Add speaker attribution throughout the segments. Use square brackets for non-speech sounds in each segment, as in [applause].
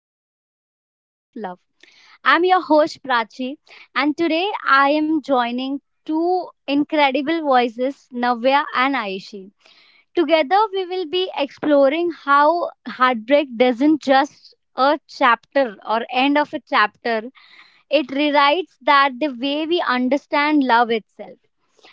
Speaker 1: Your Definition of Love. I'm your host Prachi, and today I am joining two incredible voices, Navya and Aishi. Together we will be exploring how heartbreak doesn't just a chapter or end of a chapter, it rewrites that the way we understand love itself.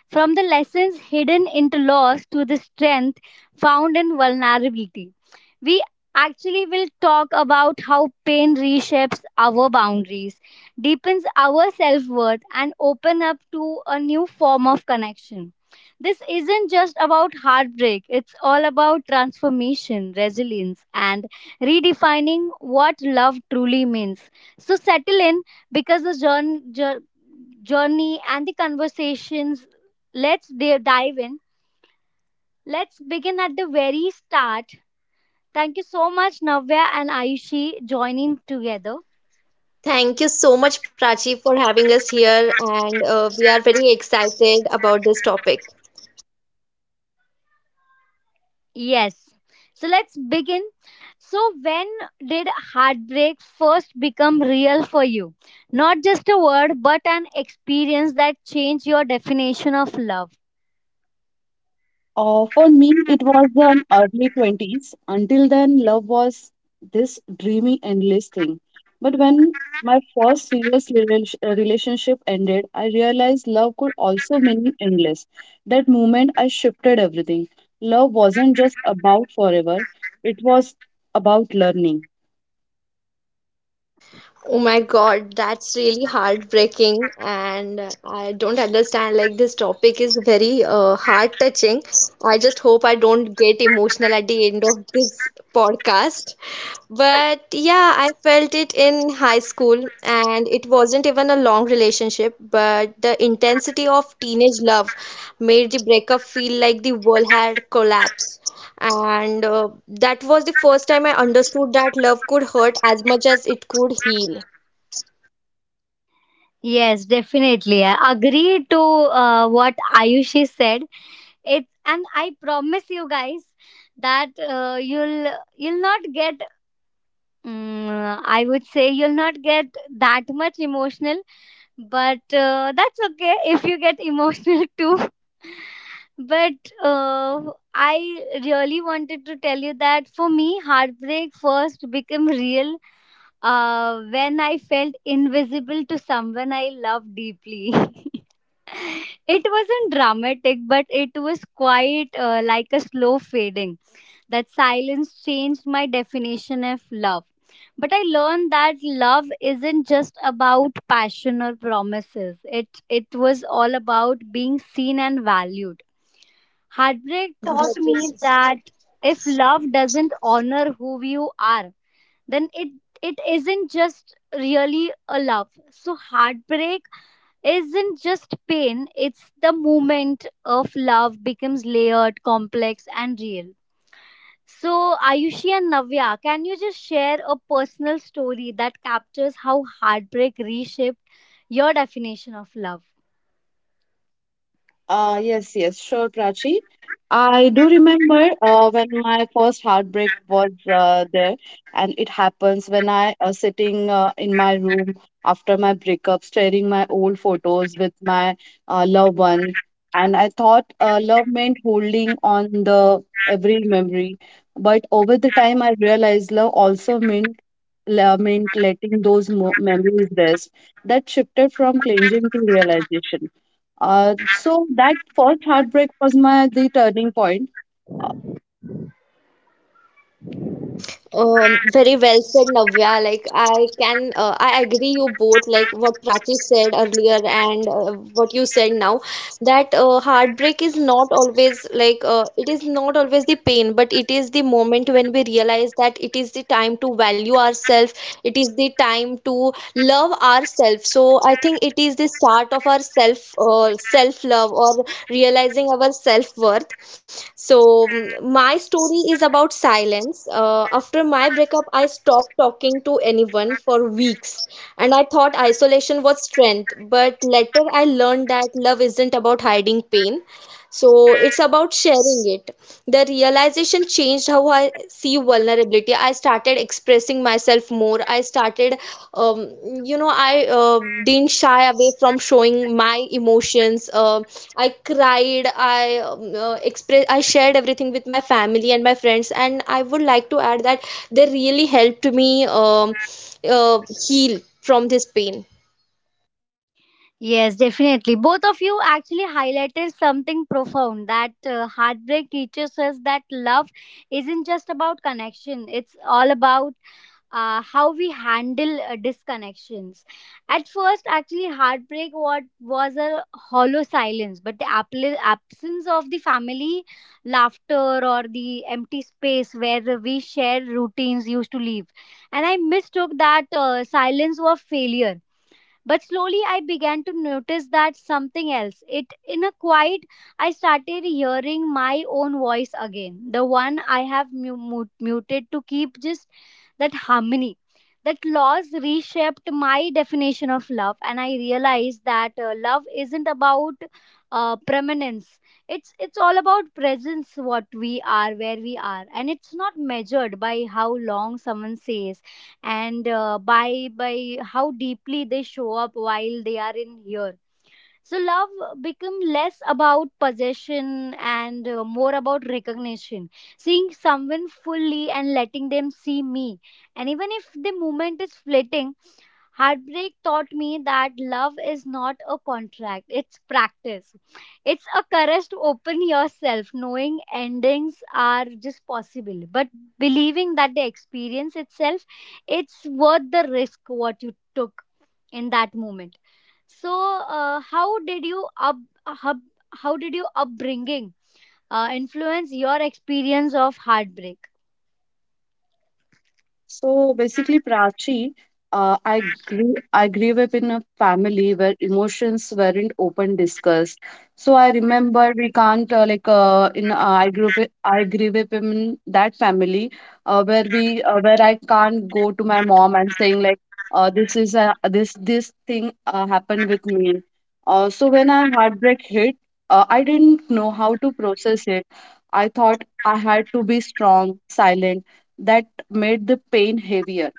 Speaker 1: From the lessons hidden into loss to the strength found in vulnerability. We actually will talk about how pain reshapes our boundaries, deepens our self worth, and open up to a new form of connection. This isn't just about heartbreak, it's all about transformation, resilience, and redefining what love truly means. So, settle in because the journey and the conversations, let's dive in. Let's begin at the very start. Thank you so much, Navya and Ayushi, joining together.
Speaker 2: Thank you so much, Prachi, for having us here. And we are very excited about this topic.
Speaker 1: Yes, so let's begin. So, when did heartbreak first become real for you? Not just a word but an experience that changed your definition of love.
Speaker 3: For me, it was an early 20s. Until then, love was this dreamy, endless thing. But when my first serious relationship ended, I realized love could also mean endless. That moment, I shifted everything. Love wasn't just about forever, it was about learning.
Speaker 2: Oh my God, that's really heartbreaking, and I don't understand. Like, this topic is very heart touching. I just hope I don't get emotional at the end of this podcast. But yeah, I felt it in high school, and it wasn't even a long relationship, but the intensity of teenage love made the breakup feel like the world had collapsed. And that was the first time I understood that love could hurt as much as it could heal.
Speaker 1: Yes, definitely. I agree to what Ayushi said. It's, and I promise you guys that you'll not get, I would say you'll not get that much emotional, but that's okay [laughs] if you get emotional [laughs] too. But uh, I really wanted to tell you that for me, heartbreak first became real when I felt invisible to someone I love deeply. [laughs] It wasn't dramatic, but it was quite like a slow fading. That silence changed my definition of love. But I learned that love isn't just about passion or promises. It was all about being seen and valued. Heartbreak
Speaker 2: Very
Speaker 1: taught
Speaker 2: well
Speaker 1: me
Speaker 2: said.
Speaker 1: that if love doesn't honor who you are, then it isn't just really a love. So heartbreak isn't just pain, it's the moment of love becomes layered, complex and real. So, Ayushi and Navya, can you just share a personal story that captures how heartbreak reshaped your definition of love?
Speaker 3: Yes, sure, Prachi. I do remember when my first heartbreak was there, and it happens when I sitting in my room after my breakup, staring my old photos with my loved one, and I thought love meant holding on the every memory, but over the time I realized love also meant lament, letting those memories rest, that shifted from clinging to realization. So that first heartbreak was my the turning point.
Speaker 2: Very well said, Navya. Like, I agree you both. Like, what Prachi said earlier and what you said now, that heartbreak is not always the pain, but it is the moment when we realize that it is the time to value ourselves. It is the time to love ourselves. So I think it is the start of our self love, or realizing our self worth. So, my story is about silence. After my breakup, I stopped talking to anyone for weeks, and I thought isolation was strength. But later, I learned that love isn't about hiding pain, so it's about sharing it. The realization changed how I see vulnerability. I started expressing myself more. I started, um, you know, I didn't shy away from showing my emotions. I cried. I express. I shared everything with my family and my friends. And I would like to add that they really helped me uh, heal from this pain.
Speaker 1: Yes, definitely. Both of you actually highlighted something profound that heartbreak teaches us that love isn't just about connection, it's all about how we handle disconnections. At first, actually, heartbreak what was a hollow silence, but the absence of the family laughter or the empty space where we shared routines used to live, and I mistook that silence for failure. But slowly I began to notice that something else. It in a quiet, I started hearing my own voice again. The one I have muted to keep just that harmony. That loss reshaped my definition of love, and I realized that love isn't about permanence. It's all about presence, what we are, where we are, and it's not measured by how long someone says and by how deeply they show up while they are in here. So love become less about possession and more about recognition, seeing someone fully and letting them see me, and even if the moment is fleeting. Heartbreak taught me that love is not a contract, it's practice. It's a courage to open yourself, knowing endings are just possible, but believing that the experience itself, it's worth the risk what you took in that moment. So, uh, how did you up, up how did your upbringing influence your experience of heartbreak?
Speaker 3: So basically, Prachi, I grew up in a family where emotions weren't open discussed. So I remember we can't like in I grew up in that family where I can't go to my mom and saying like this is a this this thing happened with me. So when I heartbreak hit, I didn't know how to process it. I thought I had to be strong, silent. That made the pain heavier.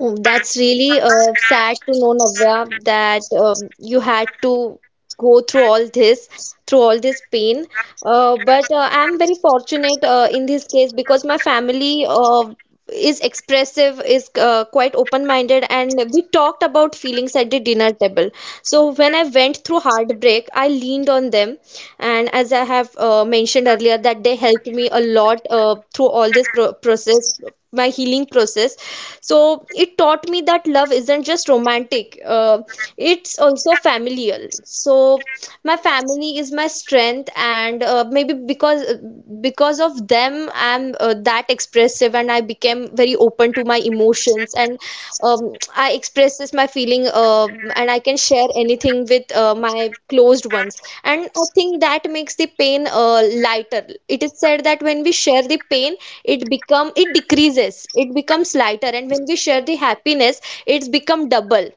Speaker 2: Oh, that's really sad to know, Navya, that you had to go through all this, pain. But I'm very fortunate in this case, because my family is expressive, is quite open-minded, and we talked about feelings at the dinner table. So when I went through heartbreak, I leaned on them, and as I have mentioned earlier, that they helped me a lot through all this process, my healing process. So it taught me that love isn't just romantic; it's also familial. So my family is my strength, and maybe because of them I'm that expressive, and I became very open to my emotions, and I express this my feeling, and I can share anything with my closed ones. And I think that makes the pain lighter. It is said that when we share the pain, it becomes lighter, and when we share the happiness, it's become double.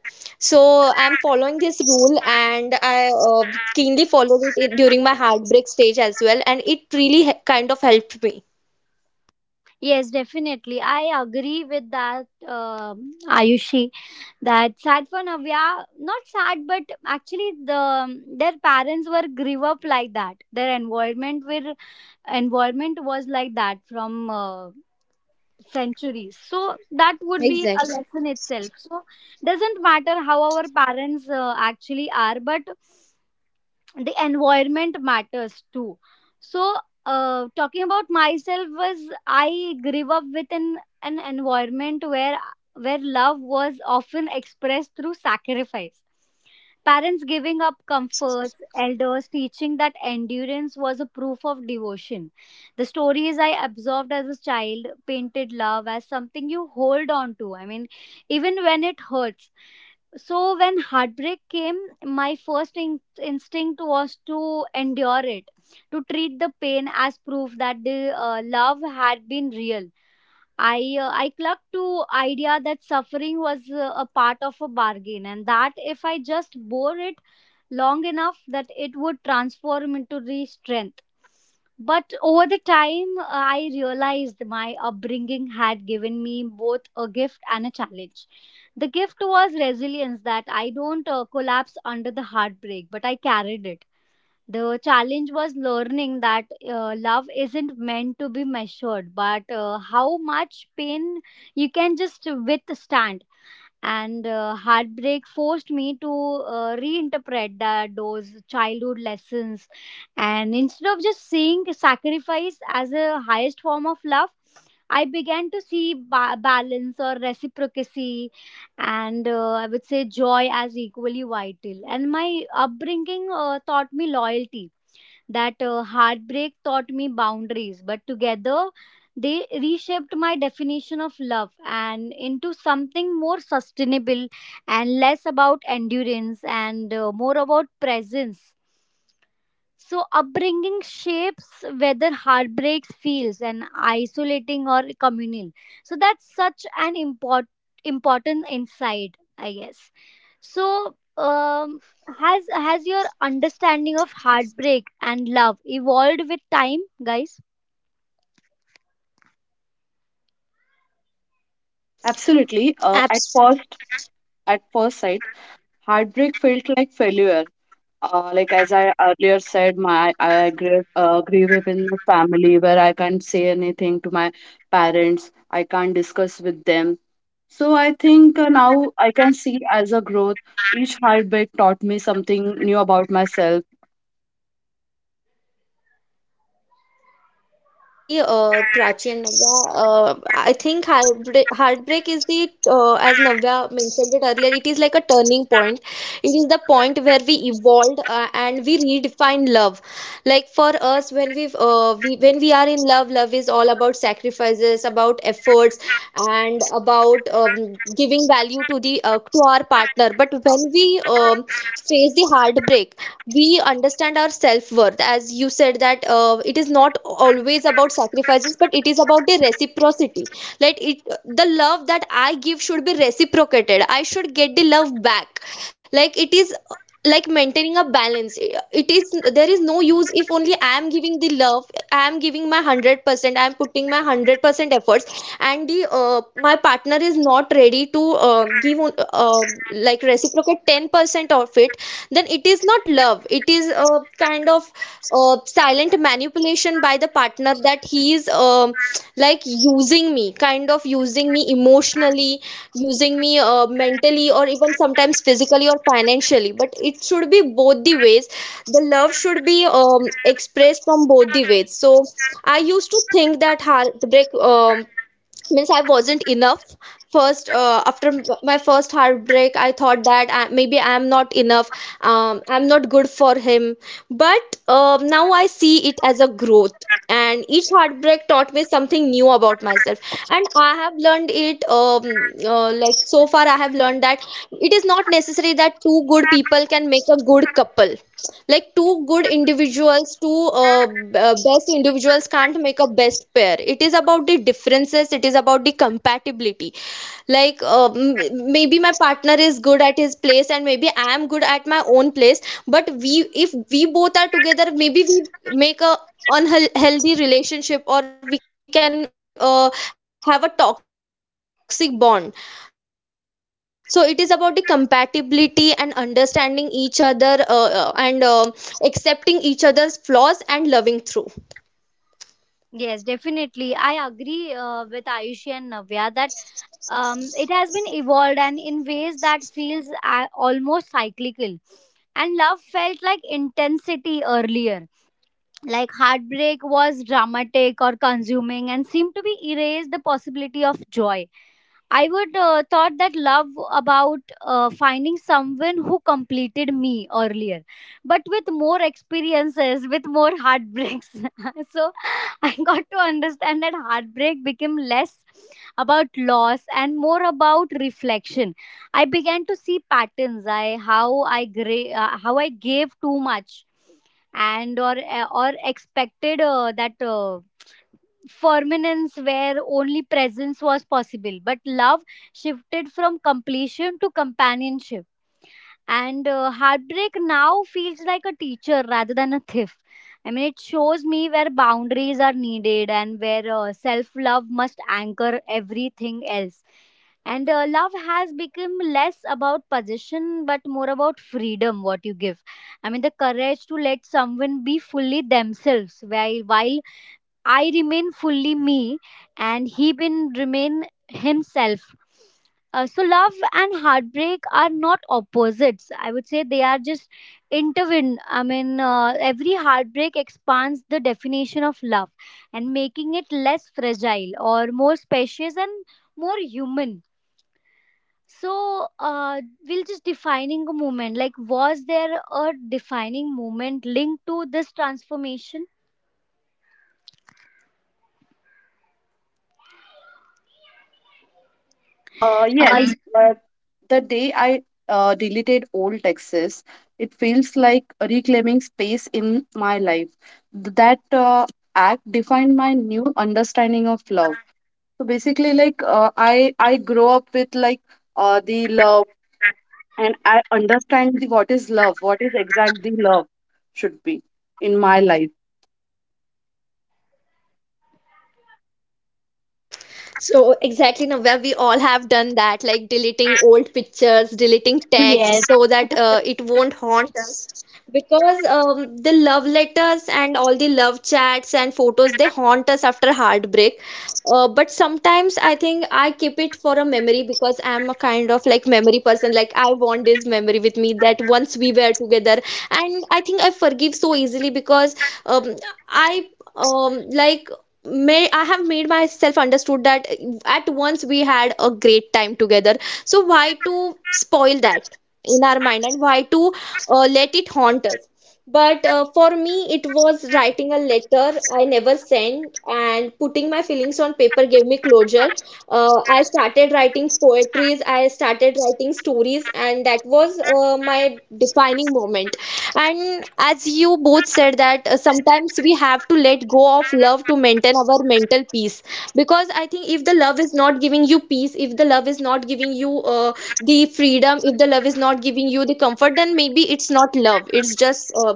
Speaker 2: So I'm following this rule, and I keenly followed it during my heartbreak stage as well, and it really kind of helped me.
Speaker 1: Yes, definitely. I agree with that, Ayushi. That sad for Navya, not sad, but actually the their parents were grew up like that. Their environment was like that from. Centuries, so that would be a
Speaker 2: Exactly.
Speaker 1: lesson itself. So doesn't matter how our parents actually are, but the environment matters too. So, talking about myself was, I grew up with an environment where love was often expressed through sacrifice, parents giving up comforts, elders teaching that endurance was a proof of devotion. The stories I absorbed as a child painted love as something you hold on to, I mean, even when it hurts. So when heartbreak came, my first instinct was to endure it, to treat the pain as proof that the love had been real. I clung to idea that suffering was a part of a bargain, and that if I just bore it long enough, that it would transform into the strength. But over the time, I realized my upbringing had given me both a gift and a challenge. The gift was resilience that I don't collapse under the heartbreak, but I carried it. The challenge was learning that love isn't meant to be measured, but how much pain you can just withstand. And heartbreak forced me to reinterpret that those childhood lessons. And instead of just seeing sacrifice as a highest form of love, I began to see balance or reciprocity, and I would say joy as equally vital. And my upbringing taught me loyalty, that heartbreak taught me boundaries, but together they reshaped my definition of love and into something more sustainable and less about endurance and more about presence. So, upbringing shapes whether heartbreaks feels and isolating or communal. So, that's such an important insight, I guess. So, has your understanding of heartbreak and love evolved with time, guys?
Speaker 3: Absolutely. Uh, at
Speaker 2: Absolutely.
Speaker 3: first, at first sight, heartbreak felt like failure. Like as I earlier said, my I grew grew up in a family where I can't say anything to my parents. I can't discuss with them. So I think now I can see as a growth. Each heartbreak taught me something new about myself.
Speaker 2: Yeah, like, absolutely, Prachi and Navya. I think heartbreak is as Navya mentioned it earlier, it is like a turning point. It is the point where we evolved, and we redefine love. Like, for us, when we are in love, love is all about sacrifices, about efforts, and about giving value to the to our partner. But when we face the heartbreak, we understand our self-worth. As you said, that it is not always about sacrifices, but it is about the reciprocity. Like, it the love that I give should be reciprocated, I should get the love back. Like, it is like maintaining a balance. It is there is no use if only I am giving the love, I am giving my 100%, I am putting my 100% efforts, and the my partner is not ready to give, uh, like, reciprocate 10% of it. Then it is not love, it is a kind of silent meant manipulation by the partner, that he is like using me, kind of using me emotionally, using me mentally, or even sometimes physically or financially. But it should be both the ways. The love should be expressed from both the ways. So I used to think that heartbreak means I wasn't enough. First, after my first heartbreak, I thought that, maybe I am not enough, I'm not good for him. But now I see it as a growth, and each heartbreak taught me something new about myself. And I have learned it, like, so far I have learned that it is not necessary that two good people can make a good couple. Like, two good individuals, two best individuals can't make a best pair. It is about the differences, it is about the compatibility. Like, maybe my partner is good at his place, and maybe I am good at my own place, but we if we both are together, maybe we make a unhealthy relationship, or we can have a toxic bond. So it is about the compatibility and understanding each other, and accepting each other's flaws and loving through.
Speaker 1: Yes, definitely. I agree with Ayushi and Navya that it has been evolved and in ways that feels almost cyclical, and love felt like intensity earlier, like heartbreak was dramatic or consuming and seemed to be erase the possibility of joy. I would thought that love about finding someone who completed me earlier, but with more experiences, with more heartbreaks. [laughs] So I got to understand that heartbreak became less about loss and more about reflection. I began to see patterns. I how how I gave too much and or expected that. Permanence where only presence was possible, but love shifted from completion to companionship. And heartbreak now feels like a teacher rather than a thief. I mean, it shows me where boundaries are needed and where self love must anchor everything else. And love has become less about possession but more about freedom, what you give. I mean, the courage to let someone be fully themselves while I remain fully me and he been remain himself. So love and heartbreak are not opposites. I would say they are just intertwined. I mean, every heartbreak expands the definition of love and making it less fragile or more spacious and more human. So we'll just defining a moment. Like, was there a defining moment linked to this transformation?
Speaker 3: Uh,
Speaker 1: Uh,
Speaker 3: yes, uh, the day I deleted old texts, it feels like reclaiming space in my life. That act defined my new understanding of love. So basically, I grow up with like the love, and I understand the, what is love, what is exactly love should be in my life.
Speaker 2: So exactly, Navya, we all have done that, like deleting old pictures, deleting
Speaker 1: yes.
Speaker 2: text, so that it won't haunt us. Because the love letters and all the love chats and photos, they haunt us after heartbreak. But sometimes I think I keep it for a memory, because I'm a kind of like memory person. Like, I want this memory with me, that once we were together. And I think I forgive so easily because, um, I like, may I have made myself understood that at once we had a great time together, so why to spoil that in our mind, and why to let it haunt us. But for me, it was writing a letter I never sent, and putting my feelings on paper gave me closure. I started writing poetries, I started writing stories, and that was my defining moment. And as you both said, that sometimes we have to let go of love to maintain our mental peace, because I think if the love is not giving you peace, if the love is not giving you uh, the freedom, if the love is not giving you the comfort, then maybe it's not love. It's just,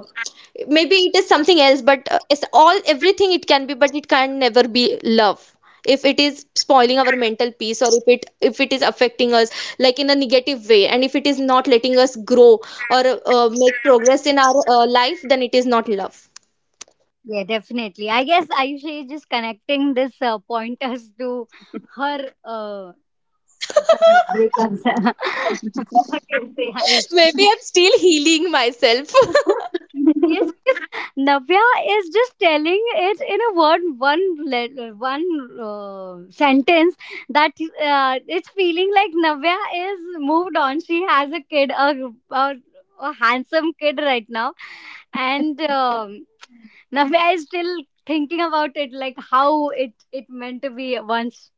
Speaker 2: maybe it is something else, but it's all, everything it can be, but it can never be love if it is spoiling our mental peace, or if it is affecting us, like, in a negative way, and if it is not letting us grow, or make progress in our life. Then it is not love.
Speaker 1: Yeah, definitely. I guess Ayusha is just connecting this pointers to her some
Speaker 2: [laughs]
Speaker 1: breakups. [laughs] What
Speaker 3: [laughs]
Speaker 1: do you say, Ayush?
Speaker 2: Maybe I'm still healing myself. [laughs]
Speaker 1: Yes, because Navya is just telling it in a word, one sentence that it's feeling like Navya is moved on. She has a kid, a handsome kid right now, and Navya is still thinking about it, like how it it meant to be once.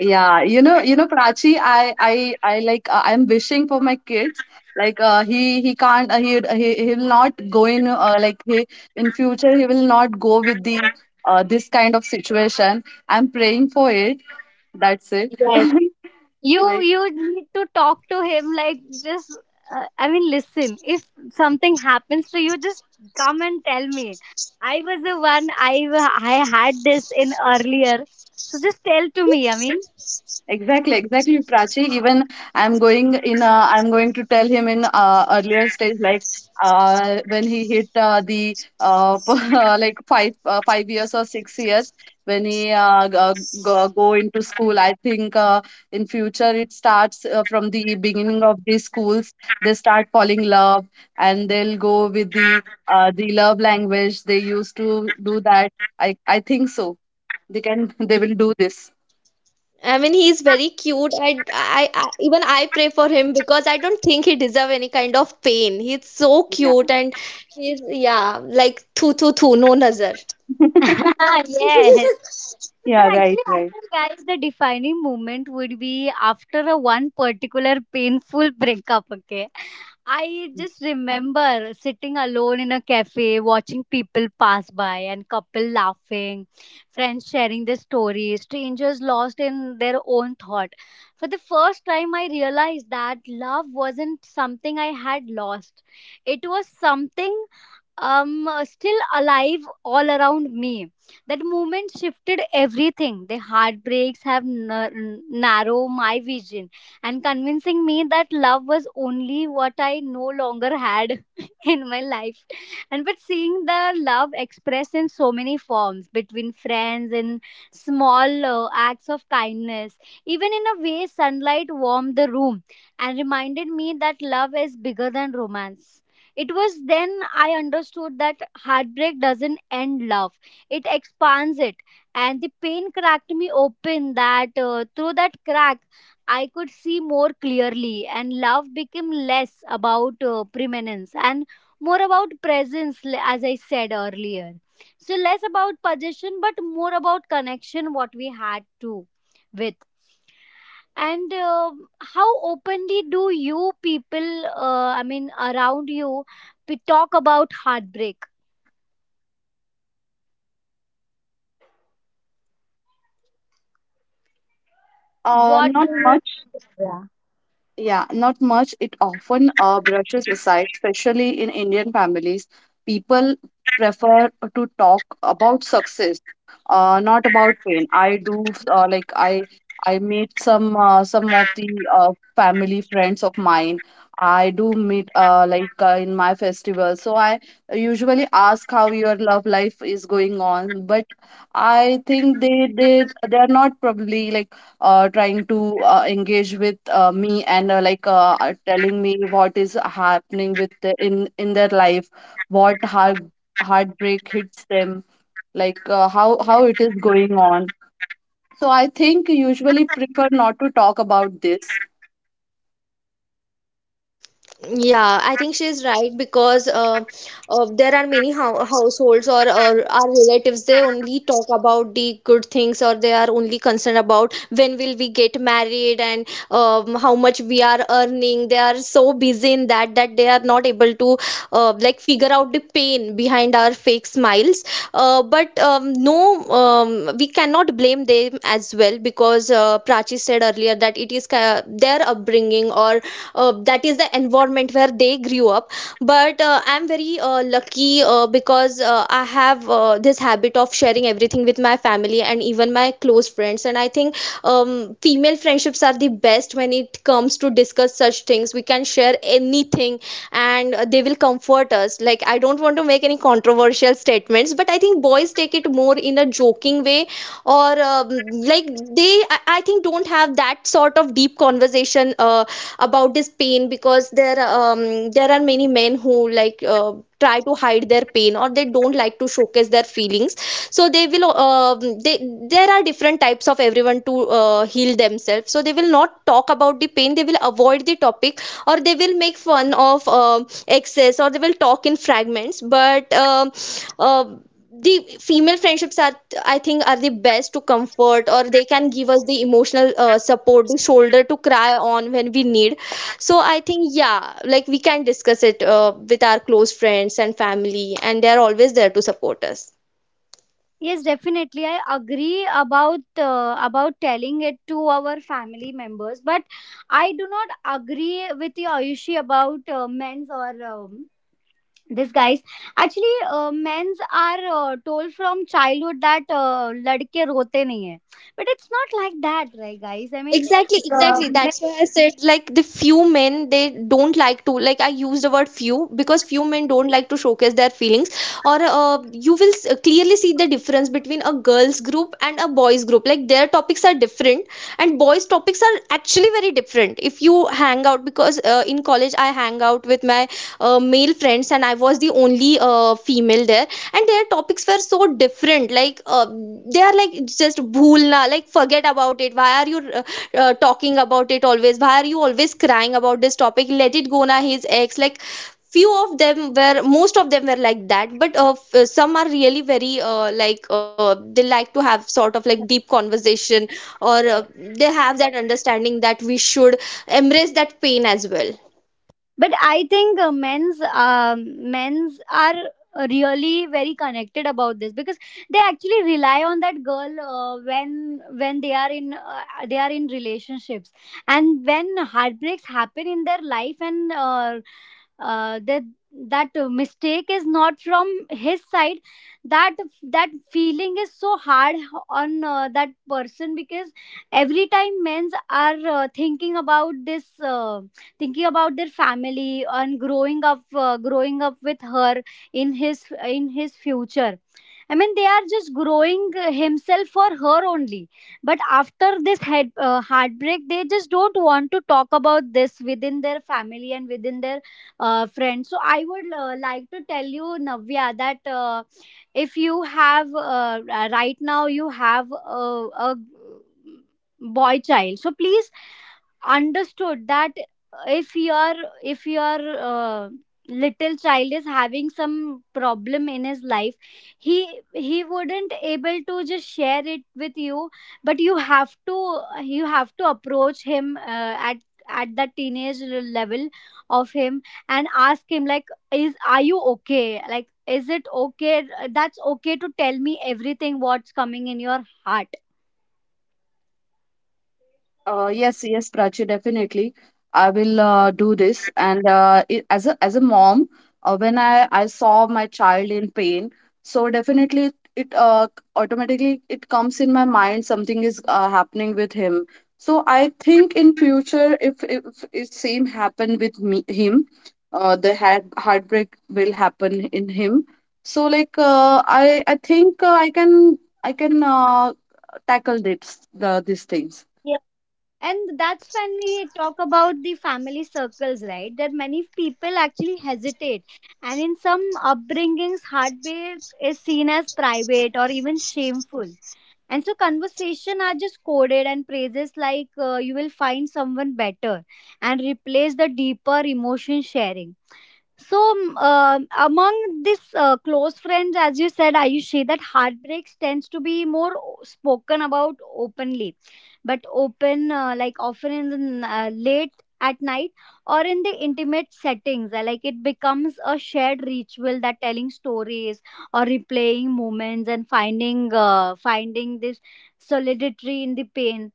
Speaker 3: Yeah, you know, Prachi, I'm wishing for my kids. Like, he'll not go in, in future, he will not go with the, this kind of situation. I'm praying for it. That's it.
Speaker 1: Yes.
Speaker 3: [laughs]
Speaker 1: You need to talk to him, like just I mean, listen, if something happens to you, just come and tell me. I was the one, I had this in earlier, so just tell to me, I mean.
Speaker 3: Exactly, exactly, Prachi. Even I'm going in. I'm going to tell him in earlier stage, like when he hit the [laughs] like five years or 6 years when he go into school. I think in future it starts from the beginning of the schools. They start falling love, and they'll go with
Speaker 1: [laughs]
Speaker 3: the love language they used to do that. I think so. They can. They will do this.
Speaker 2: I mean, he's very cute. Even I pray for him, because I don't think he deserve any kind of pain. He's so
Speaker 3: Yeah.
Speaker 2: cute, and he's, yeah, like, thu thu thu, no nazar.
Speaker 3: [laughs]
Speaker 1: Yes.
Speaker 2: [laughs]
Speaker 1: And
Speaker 3: Yeah, right,
Speaker 1: actually I
Speaker 3: right.
Speaker 1: think, guys, the defining moment would be after a one particular painful breakup, okay. I
Speaker 3: Mm.
Speaker 1: just remember sitting alone in a cafe, watching people pass by and couple laughing, friends sharing their stories, strangers lost in their own thought. For the first time, I realized that love wasn't something I had lost. It was something still alive all around me. That moment shifted everything. The heartbreaks have narrowed my vision and convincing me that love was only what I no longer had [laughs] in my life. And but seeing the love expressed in so many forms between friends and small acts of kindness, even in a way sunlight warmed the room, and reminded me that love is bigger than romance. It was then I understood that heartbreak doesn't end love, it expands it. And the pain cracked me open, that through that crack, I could see more clearly, and love became less about preeminence and more about presence, as I said earlier. So, less about possession, but more about connection, what we had to with. And how openly do you people, I mean, around you, talk about heartbreak? What do
Speaker 3: Not
Speaker 1: you?
Speaker 3: much.
Speaker 1: Yeah.
Speaker 3: Yeah, not much. It often brushes aside, especially in Indian families. People prefer to talk about success, not about pain. I do uh, like I I meet some of the family friends of mine. I do meet in my festival. So I usually ask how your love life is going on, but I think they are not probably like trying to engage with me and telling me what is happening with the, in their life, what heartbreak hits them, like how how it is going on. So I think usually prefer not to talk about this.
Speaker 2: Yeah, I think she's right, because there are many households, or our relatives, they only talk about the good things, or they are only concerned about when will we get married and how much we are earning. They are so busy in that, that they are not able to like, figure out the pain behind our fake smiles. But no, we cannot blame them as well, because Prachi said earlier that it is their upbringing, or that is the environment where they grew up. But I'm very lucky, because I have this habit of sharing everything with my family and even my close friends. And I think female friendships are the best when it comes to discuss such things. We can share anything, and they will comfort us. Like, I don't want to make any controversial statements, but I think boys take it more in a joking way, or like, they, I think, don't have that sort of deep conversation about this pain, because there are many men who, like, try to hide their pain, or they don't like to showcase their feelings. So they will they there are different types of everyone to heal themselves, so they will not talk about the pain, they will avoid the topic, or they will make fun of excess, or they will talk in fragments, but uh, the female friendships are, I think, are the best to comfort, or they can give us the emotional support, the shoulder to cry on when we need. So I think, yeah, like, we can discuss it with our close friends and family, and they're always there to support us.
Speaker 1: Yes, definitely. I agree about telling it to our family members, but I do not agree with you, Ayushi, about men's or this guys actually men's are told from childhood that ladke rote nahi hai but it's not like that right guys I mean
Speaker 2: Exactly, exactly.
Speaker 1: uh,
Speaker 2: That's why I said, like, the few men, they don't like to like I used the word few because few men don't like to showcase their feelings or you will clearly see the difference between a girls group and a boys group. Like, their topics are different, and boys topics are actually very different. If you hang out, because in college I hang out with my male friends and I was the only female there, and their topics were so different. Like, they are like just bhulna, like forget about it. Why are you talking about it always? Why are you always crying about this topic? Let it go na, his ex. Like, few of them were, most of them were like that, but some are really very like, they like to have sort of like deep conversation, or they have that understanding that we should embrace that pain as well.
Speaker 1: but I think men's um, men's are really very connected about this because they actually rely on that girl when they are in relationships and when heartbreaks happen in their life and that that mistake is not from his side that that feeling is so hard on that person because every time men's are thinking about this thinking about their family and growing up with her in his in his future I mean they are just growing himself for her only but after this head, heartbreak they just don't want to talk about this within their family and within their friends so I would like to tell you navya that if you have right now you have a, a boy child so please understood that if your if your little child is having some problem in his life he wouldn't able to just share it with you but you have to approach him at that teenage level of him and ask him like is are you okay like is it okay that's okay to tell me everything what's coming in your heart
Speaker 3: Yes, yes, Prachi, definitely. I will do this. And as a mom, when I saw my child in pain, so definitely it automatically it comes in my mind something is happening with him. So I think in future, if it same happen with me him, the heartbreak will happen in him. So like I think I can tackle this the these things.
Speaker 1: And that's when we talk about the family circles, right? That many people actually hesitate. And in some upbringings, hardware is seen as private or even shameful and so conversation are just coded and phrases like you will find someone better and replace the deeper emotion sharing so among this close friends as you said ayushi that heartbreaks tends to be more o- spoken about openly but open like often in the late at night or in the intimate settings like it becomes a shared ritual that telling stories or replaying moments and finding finding this solidity in the pain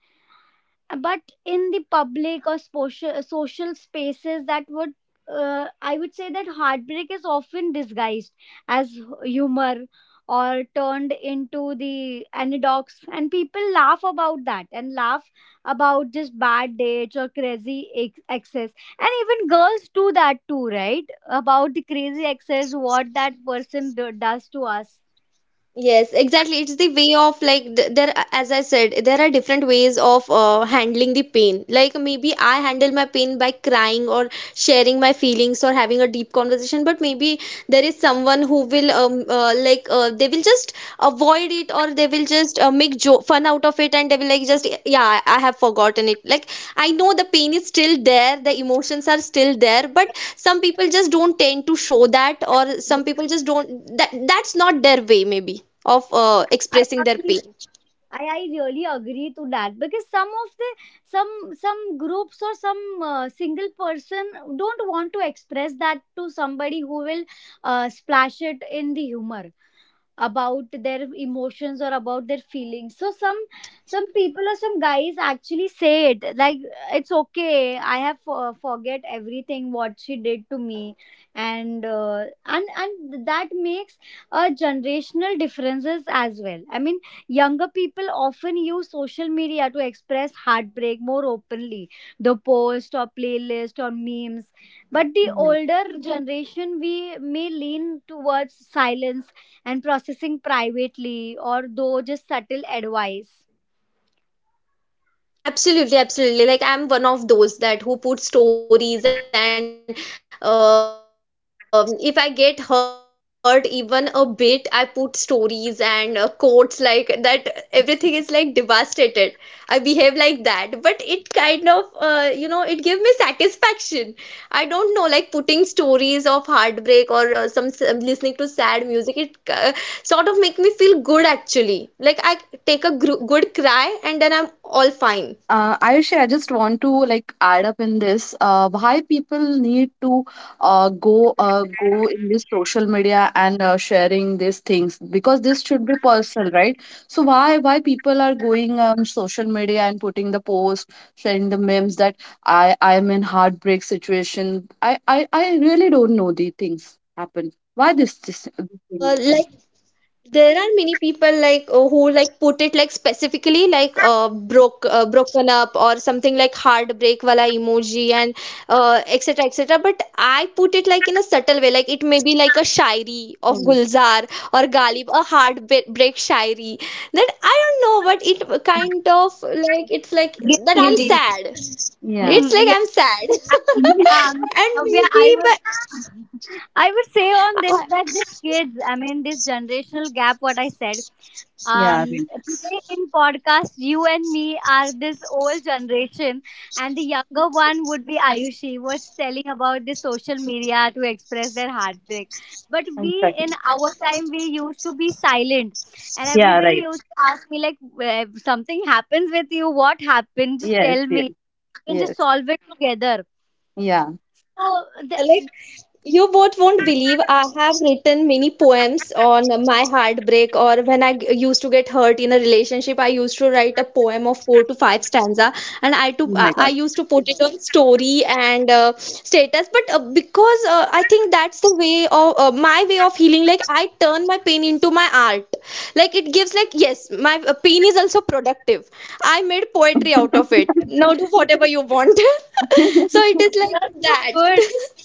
Speaker 1: but in the public or social social spaces that would uh, I would say that heartbreak is often disguised as humor or turned into the anecdotes and people laugh about that and laugh about just bad dates or crazy ex- excess and even girls do that too right about the crazy excess what that person do- does to us
Speaker 2: Yes, exactly. It's the way of like there, as I said, there are different ways of handling the pain. Like maybe I handle my pain by crying or sharing my feelings or having a deep conversation, but maybe there is someone who will like, they will just avoid it, or they will just make jo fun out of it, and they will like just, yeah, I have forgotten it. Like, I know the pain is still there, the emotions are still there, but some people just don't tend to show that, or some people just don't, that that's not their way, maybe, of
Speaker 1: I
Speaker 2: expressing their
Speaker 1: agree.
Speaker 2: pain.
Speaker 1: I really agree to that because some of the some groups or some single person don't want to express that to somebody who will splash it in the humor. About their emotions or about their feelings so some people or some guys actually say it like it's okay I have forget everything what she did to me and that makes a generational differences as well I mean younger people often use social media to express heartbreak more openly the post or playlist or memes but the older generation we may lean towards silence and processing privately or though just subtle advice.
Speaker 2: Absolutely, absolutely. Like, I'm one of those that who put stories, and if I get hurt even a bit, I put stories and quotes like that. Everything is like devastated. I behave like that, but it kind of you know, it give me satisfaction. I don't know, like putting stories of heartbreak or listening to sad music. It sort of make me feel good actually. Like, I take a gr good cry and then I'm all fine.
Speaker 3: Ayushi, I just want to like add up in this why people need to go in this social media and sharing these things because this should be personal, right? So why people are going on social media and putting the post, sharing the memes that I am in heartbreak situation. I really don't know these things happen. Why this thing
Speaker 2: Like,
Speaker 3: happens?
Speaker 2: there are many people like who like put it, like specifically like broken up or something, like heartbreak wala emoji and etc etc. But I put it like in a subtle way, like it may be like a shairi of
Speaker 3: Oh,
Speaker 2: Gulzar or Ghalib, a heartbreak shairi that I don't know, but it kind of like, it's like
Speaker 1: Guilt
Speaker 2: that I'm
Speaker 1: relief.
Speaker 2: sad.
Speaker 3: yeah.
Speaker 2: It's
Speaker 1: Mm,
Speaker 2: like
Speaker 1: yeah.
Speaker 2: I'm sad,
Speaker 1: Actually,
Speaker 3: [laughs]
Speaker 2: [laughs] and
Speaker 1: Navya,
Speaker 2: maybe,
Speaker 1: I would [laughs] I would say on
Speaker 2: but
Speaker 1: this that these kids, I mean this generational gap, what I said,
Speaker 3: Yeah, right.
Speaker 1: today in podcast, you and me are this old generation, and the younger one would be Ayushi, was telling about the social media to express their heartbreak. But we in
Speaker 3: Exactly.
Speaker 1: our time, we used to be silent, and
Speaker 3: Yeah,
Speaker 1: everybody
Speaker 3: right.
Speaker 1: used to ask me like, "Where- something happens with you, what happened? Just
Speaker 3: Yes,
Speaker 1: tell me,
Speaker 3: yes,
Speaker 1: we can just
Speaker 3: yes.
Speaker 1: solve it together.
Speaker 3: Yeah.
Speaker 1: So the,
Speaker 2: yeah, like. You both won't believe, I have written many poems on my heartbreak or when I used to get hurt in a relationship. I used to write a poem of four to five stanza, and I to
Speaker 3: Oh
Speaker 2: I
Speaker 3: my
Speaker 2: I
Speaker 3: God.
Speaker 2: used to put it on story and status. But because I think that's the way of my way of healing. Like, I turn my pain into my art. Like, it gives like, yes, my pain is also productive. I made poetry out of it. Now
Speaker 3: [laughs]
Speaker 2: do whatever you want. [laughs] So it is like
Speaker 1: that's so
Speaker 2: that.
Speaker 1: good.
Speaker 2: [laughs]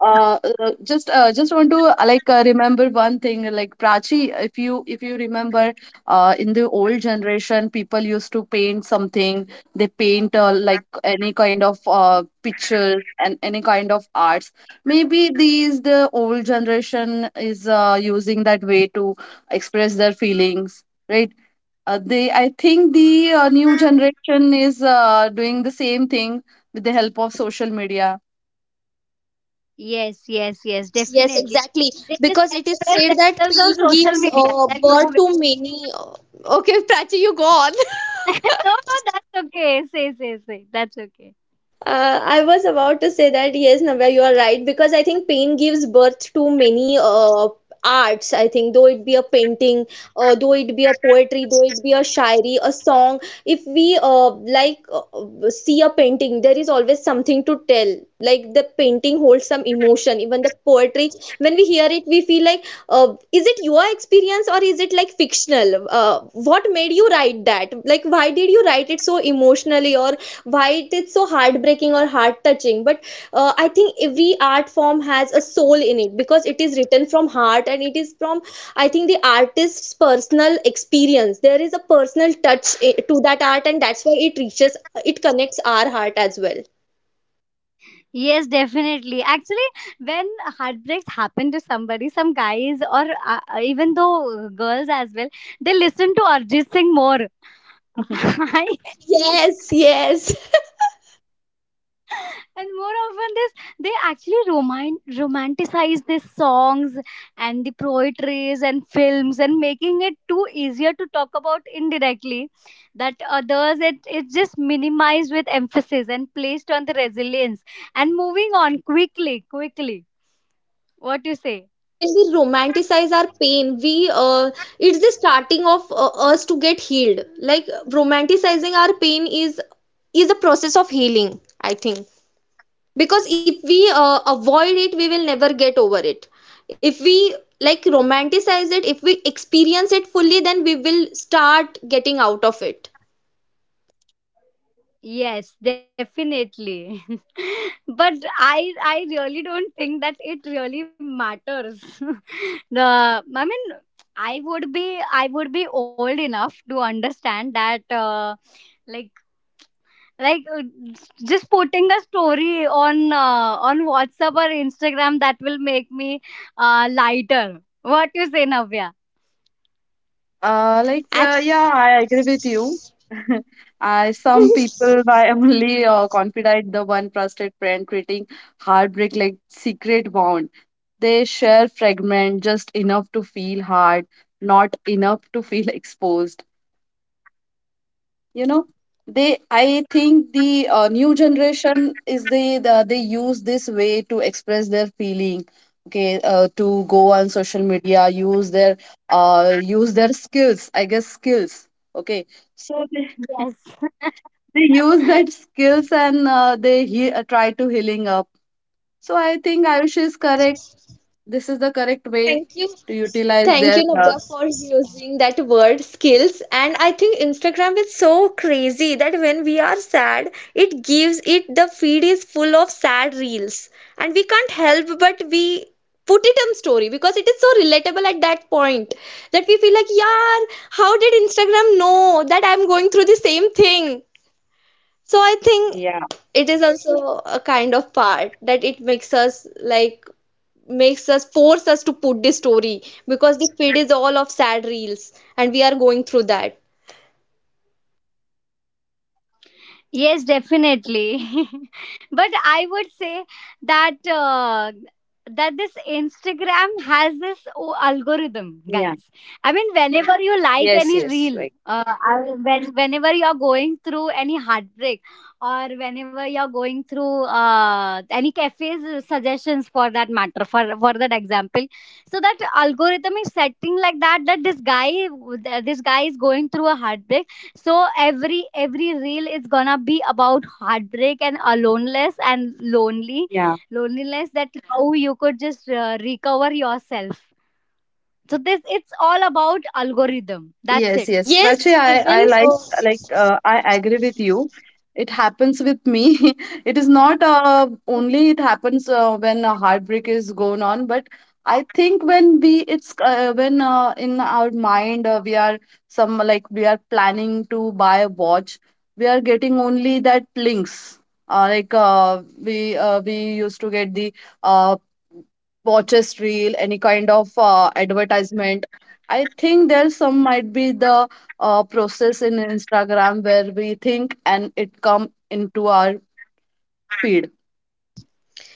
Speaker 3: Just want to remember one thing like Prachi, if you remember in the old generation people used to paint something. They paint like any kind of pictures and any kind of arts. Maybe the old generation is using that way to express their feelings, right? They, I think the new generation is doing the same thing with the help of social media.
Speaker 1: Yes, yes, yes,
Speaker 2: Yes,
Speaker 1: definitely.
Speaker 2: exactly.
Speaker 1: They just
Speaker 2: Because it is
Speaker 1: express
Speaker 2: said that
Speaker 1: themselves
Speaker 2: pain
Speaker 1: on social
Speaker 2: gives
Speaker 1: media. That
Speaker 2: birth
Speaker 1: no
Speaker 2: to
Speaker 1: [laughs]
Speaker 2: many. Okay, [laughs] Prachi, you go on. [laughs]
Speaker 1: no, no, that's okay. Say, say, say. That's okay.
Speaker 2: I was about to say that, yes, Navya, you are right, because I think pain gives birth to many arts. I think, though it be a painting, though it be a poetry, though it be a shairi, a song. If we like see a painting, there is always something to tell. Like, the painting holds some emotion. Even the poetry, when we hear it, we feel like, is it your experience or is it like fictional? What made you write that? Like, why did you write it so emotionally, or why it is so heartbreaking or heart touching? But I think every art form has a soul in it, because it is written from heart, and it is from, I think, the artist's personal experience. There is a personal touch to that art, and that's why it reaches, it connects our heart as well.
Speaker 1: Yes, definitely. Actually, when heartbreaks happen to somebody, some guys or even though girls as well, they listen to Arjit Singh more. [laughs]
Speaker 3: [laughs]
Speaker 1: I
Speaker 2: Yes, yes.
Speaker 1: and more often this they actually roman- romanticize these songs and the poetries and films and making it too easier to talk about indirectly that others it it's just minimized with emphasis and placed on the resilience and moving on quickly quickly
Speaker 2: Yeah,
Speaker 1: what you
Speaker 2: because
Speaker 1: say
Speaker 2: I think when we romanticize our pain, we it's the starting of us to get healed. Like, romanticizing our pain is a process of healing, I think. Because if we avoid it, we will never get over it. If we like romanticize it, if we experience it fully, then we will start getting out of it.
Speaker 1: Yes, definitely. [laughs] but I really don't think that it really matters. [laughs] the I mean I would be old enough to understand that like like just putting a story on whatsapp or instagram that will make me lighter what you say navya
Speaker 3: Like, Yeah,
Speaker 2: Ac-
Speaker 3: I agree with you. [laughs] I, some people, [laughs] by only confided the one trusted friend, creating heartbreak like secret bond. They share fragment just enough to feel hard, not enough to feel [laughs] exposed. You know, they I think the new generation is the they use this way to express their feeling. Okay, to go on social media, use their skills, I guess, skills. Okay, so
Speaker 1: yes
Speaker 3: they use that skills and they try to healing up. So I think Ayush is correct. This is the correct
Speaker 2: [laughs]
Speaker 3: way
Speaker 2: Thank you.
Speaker 3: to utilize
Speaker 2: Thank
Speaker 3: their
Speaker 2: you, Navya, for using that word skills. And I think Instagram is so crazy that when we are sad, it gives, it the feed is full of sad reels. And we can't help but we put it on story because it is so relatable at that point that we feel like, yeah, how did Instagram know that I'm going through the same thing? So
Speaker 3: yeah,
Speaker 2: I think it is also a kind of part that it makes us like, makes us force us to put this story because the feed is all of sad reels and we are going through that.
Speaker 1: Yes, definitely. [laughs] but I would say that that this Instagram has this o- algorithm,
Speaker 3: yeah.
Speaker 1: guys. I mean, whenever you like
Speaker 3: Yes,
Speaker 1: any
Speaker 3: yes,
Speaker 1: reel,
Speaker 3: right.
Speaker 1: I- when, whenever you're going through any heartbreak, or whenever you're going through any cafes suggestions for that matter, for that example, so that algorithm is setting like that that this guy is going through a heartbreak so every reel is gonna be about heartbreak and aloneness and lonely loneliness that how you could just recover yourself so this it's all about algorithm, that's
Speaker 3: Yes,
Speaker 1: it.
Speaker 3: yes. Prachi,
Speaker 2: yes
Speaker 3: I,
Speaker 2: even
Speaker 3: I like
Speaker 2: uh,
Speaker 3: I agree with you. It happens with me. [laughs] It is not only it happens when a heartbreak is going on, but I think when we it's when in our mind we are some like we are planning to buy a watch, we are getting only that links. We used to get the uh, watches reel, any kind of advertisement. I think there's some might be the process in Instagram where we think and it come into our feed.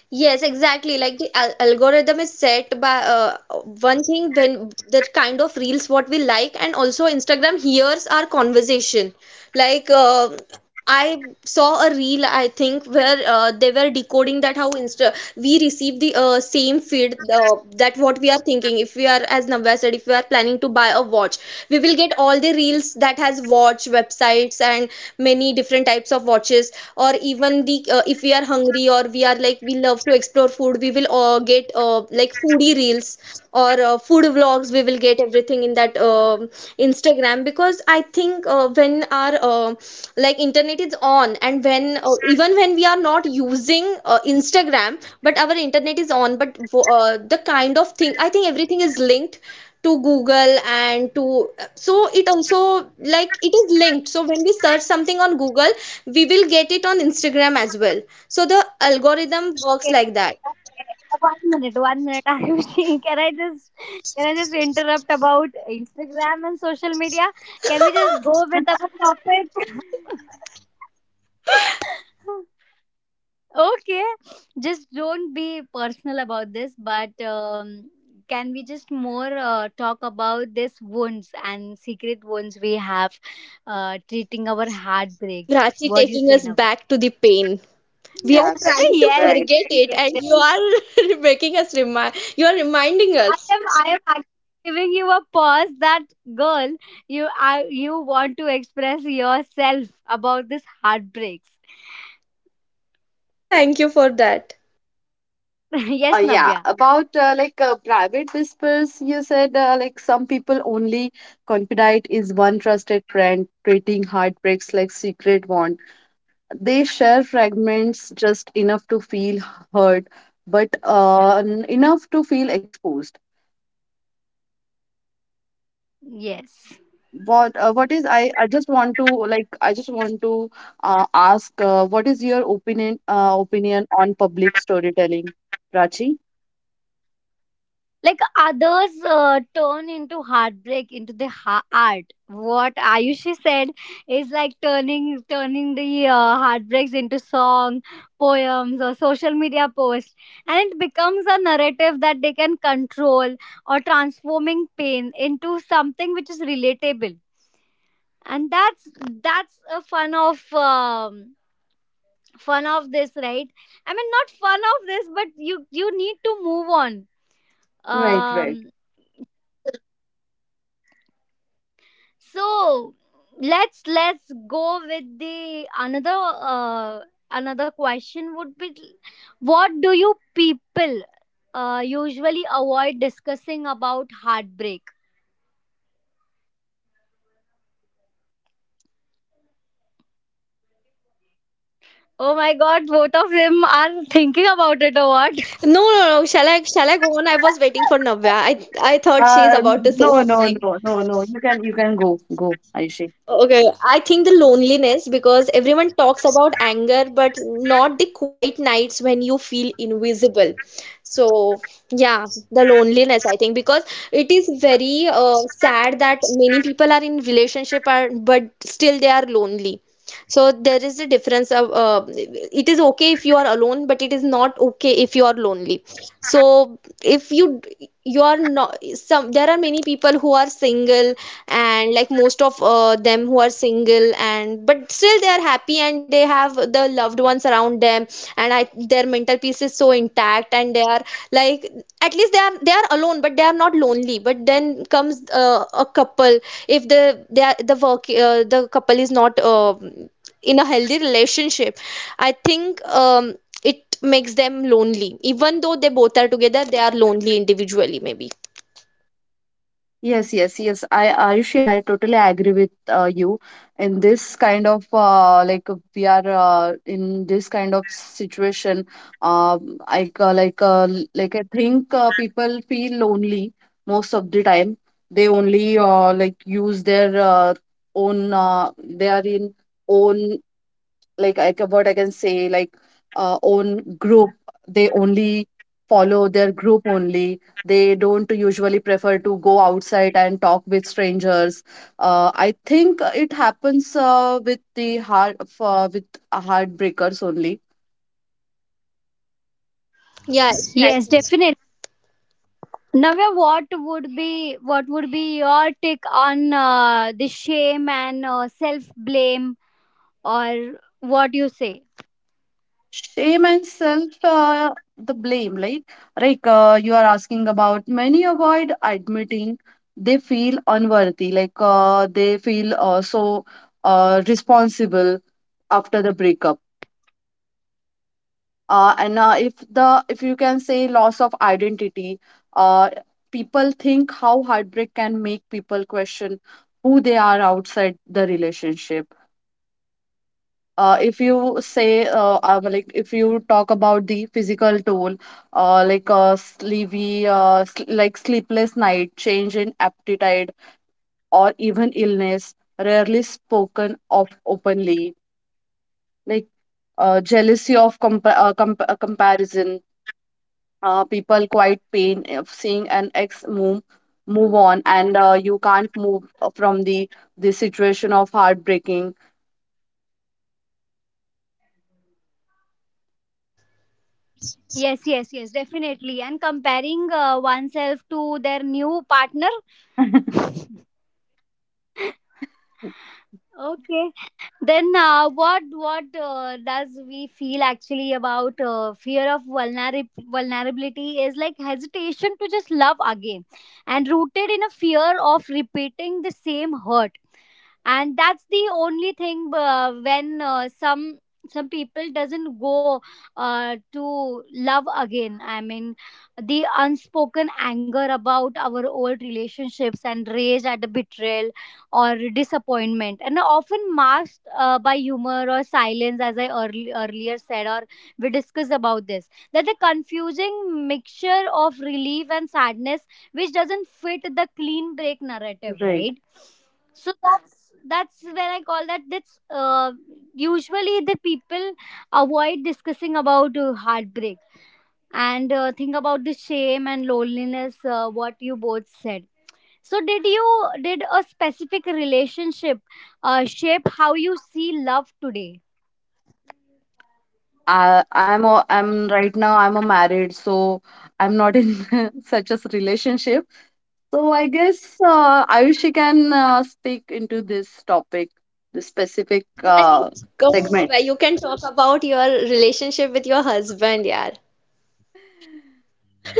Speaker 2: yes, exactly, like the algorithm is set by one thing, when the kind of reels what we like, and also Instagram hears our conversation. like uh, I saw a reel, I think, where they were decoding that how Insta, we receive the same feed that what we are thinking. If we are, as Navya said, if we are planning to buy a watch, we will get all the reels that has watch websites and many different types of watches. Or even the if we are hungry, or we are like we love to explore food, we will get like foodie reels or food vlogs. We will get everything in that Instagram, because I think when our like internet is on, and when even when we are not using Instagram but our internet is on, the kind of thing, I think, everything is linked to Google and to, so it also, like, it is linked. So when we search something on Google, we will get it on Instagram as well. So the algorithm works
Speaker 1: Okay,
Speaker 2: like that.
Speaker 1: [laughs] 1 minute, 1 minute, Ayushi. [laughs] Can I just interrupt about Instagram and social media? Can we just go with our topic? [laughs] Okay, just don't be personal about this, but can we just more talk about this wounds and secret wounds we have treating our heartbreak?
Speaker 2: Rachi
Speaker 1: What do you
Speaker 2: taking
Speaker 1: say
Speaker 2: us
Speaker 1: now?
Speaker 2: back to the pain. We are
Speaker 3: Yeah,
Speaker 1: [laughs]
Speaker 2: trying to
Speaker 3: right,
Speaker 1: Yes,
Speaker 3: right.
Speaker 1: yes,
Speaker 2: forget it,
Speaker 1: yes,
Speaker 2: and
Speaker 1: yes.
Speaker 2: you are [laughs] making us remind, you are reminding
Speaker 1: I
Speaker 2: us.
Speaker 1: am I am actually giving you a pause that, girl, you want to express yourself about this heartbreaks.
Speaker 2: Thank you for that.
Speaker 1: [laughs]
Speaker 3: Uh,
Speaker 1: Yes,
Speaker 3: yeah,
Speaker 1: Navya.
Speaker 3: about private whispers, you said like some people, only confidant is one trusted friend, treating heartbreaks like secret wound. They share fragments just enough to feel hurt, but enough to feel exposed.
Speaker 1: Yes,
Speaker 3: What is I just want to like I just want to ask what is your opinion on public storytelling, Prachi?
Speaker 1: like others turn into heartbreak into the art, what Ayushi said, is like turning the heartbreaks into song poems, or social media posts, and it becomes a narrative that they can control, or transforming pain into something which is relatable. And that's a fun of this, right? I mean, not fun of this, but you need to move on.
Speaker 3: Right, right.
Speaker 1: Um, so let's go with the another another question would be, what do you people usually avoid discussing about heartbreak? Oh my god, both of them are thinking about it or what?
Speaker 2: No, no, no, shall I shall I go on? I was waiting for Navya. I thought she's about to say
Speaker 3: No, no,
Speaker 2: something.
Speaker 3: no, no, no. You can go, go, Ayushi.
Speaker 2: Okay, I think the loneliness, because everyone talks about anger, but not the quiet nights when you feel invisible. So, yeah, the loneliness, I think, because it is very sad that many people are in relationship are, but still they are lonely. So there is a difference of, it is okay if you are alone, but it is not okay if you are lonely. So if you, you are not some, there are many people who are single, and like most of them who are single, and but still they are happy and they have the loved ones around them, and I, their mental peace is so intact, and they are like, at least they are, they are alone but they are not lonely. But then comes a couple. If the they are, the work, the couple is not in a healthy relationship, I think, it makes them lonely. Even though they both are together, they are lonely individually, maybe.
Speaker 3: Yes, yes, yes. I, Ayushi, I totally agree with you. In this kind of we are in this kind of situation, I ca- like l- like I think people feel lonely most of the time. They only use their own. They are in own Like I can, what I can say, like own group, they only follow their group only. They don't usually prefer to go outside and talk with strangers. I think it happens with the heart for with heartbreakers only.
Speaker 2: Yeah,
Speaker 1: Yes,
Speaker 2: exactly.
Speaker 1: definitely. Navya, what would be your take on the shame and self blame, or what you say?
Speaker 3: Shame and self the blame, like, you are asking about many avoid admitting they feel unworthy, like they feel so responsible after the breakup, and if the, if you can say, loss of identity. uh, People think how heartbreak can make people question who they are outside the relationship. If you talk about the physical toll, like sleepy sl- like sleepless night, change in appetite, or even illness rarely spoken of openly, like jealousy of comparison. People quite pain of seeing an ex move on and you can't move from the situation of heartbreaking.
Speaker 2: Mm,
Speaker 1: Yes, yes, yes, definitely. And comparing oneself to their new partner.
Speaker 3: [laughs]
Speaker 1: Okay. Then what does we feel actually about fear of vulnerability, is like hesitation to just love again and rooted in a fear of repeating the same hurt. And that's the only thing when some people doesn't go to love again. I mean, the unspoken anger about our old relationships and rage at the betrayal or disappointment, and often masked by humor or silence as earlier said, or we discussed about this, that the confusing mixture of relief and sadness which doesn't fit the clean break narrative,
Speaker 3: Right.
Speaker 1: right? So that's when I call that, that's usually the people avoid discussing about heartbreak and think about the shame and loneliness, what you both said. So did you, did a specific relationship shape how you see love today?
Speaker 3: I'm right now I'm a married, so I'm not in [laughs] such a relationship. So I guess Ayushi can speak into this topic, this specific
Speaker 2: I think, come on,
Speaker 3: segment.
Speaker 2: where you can talk about your relationship with your husband, yeah.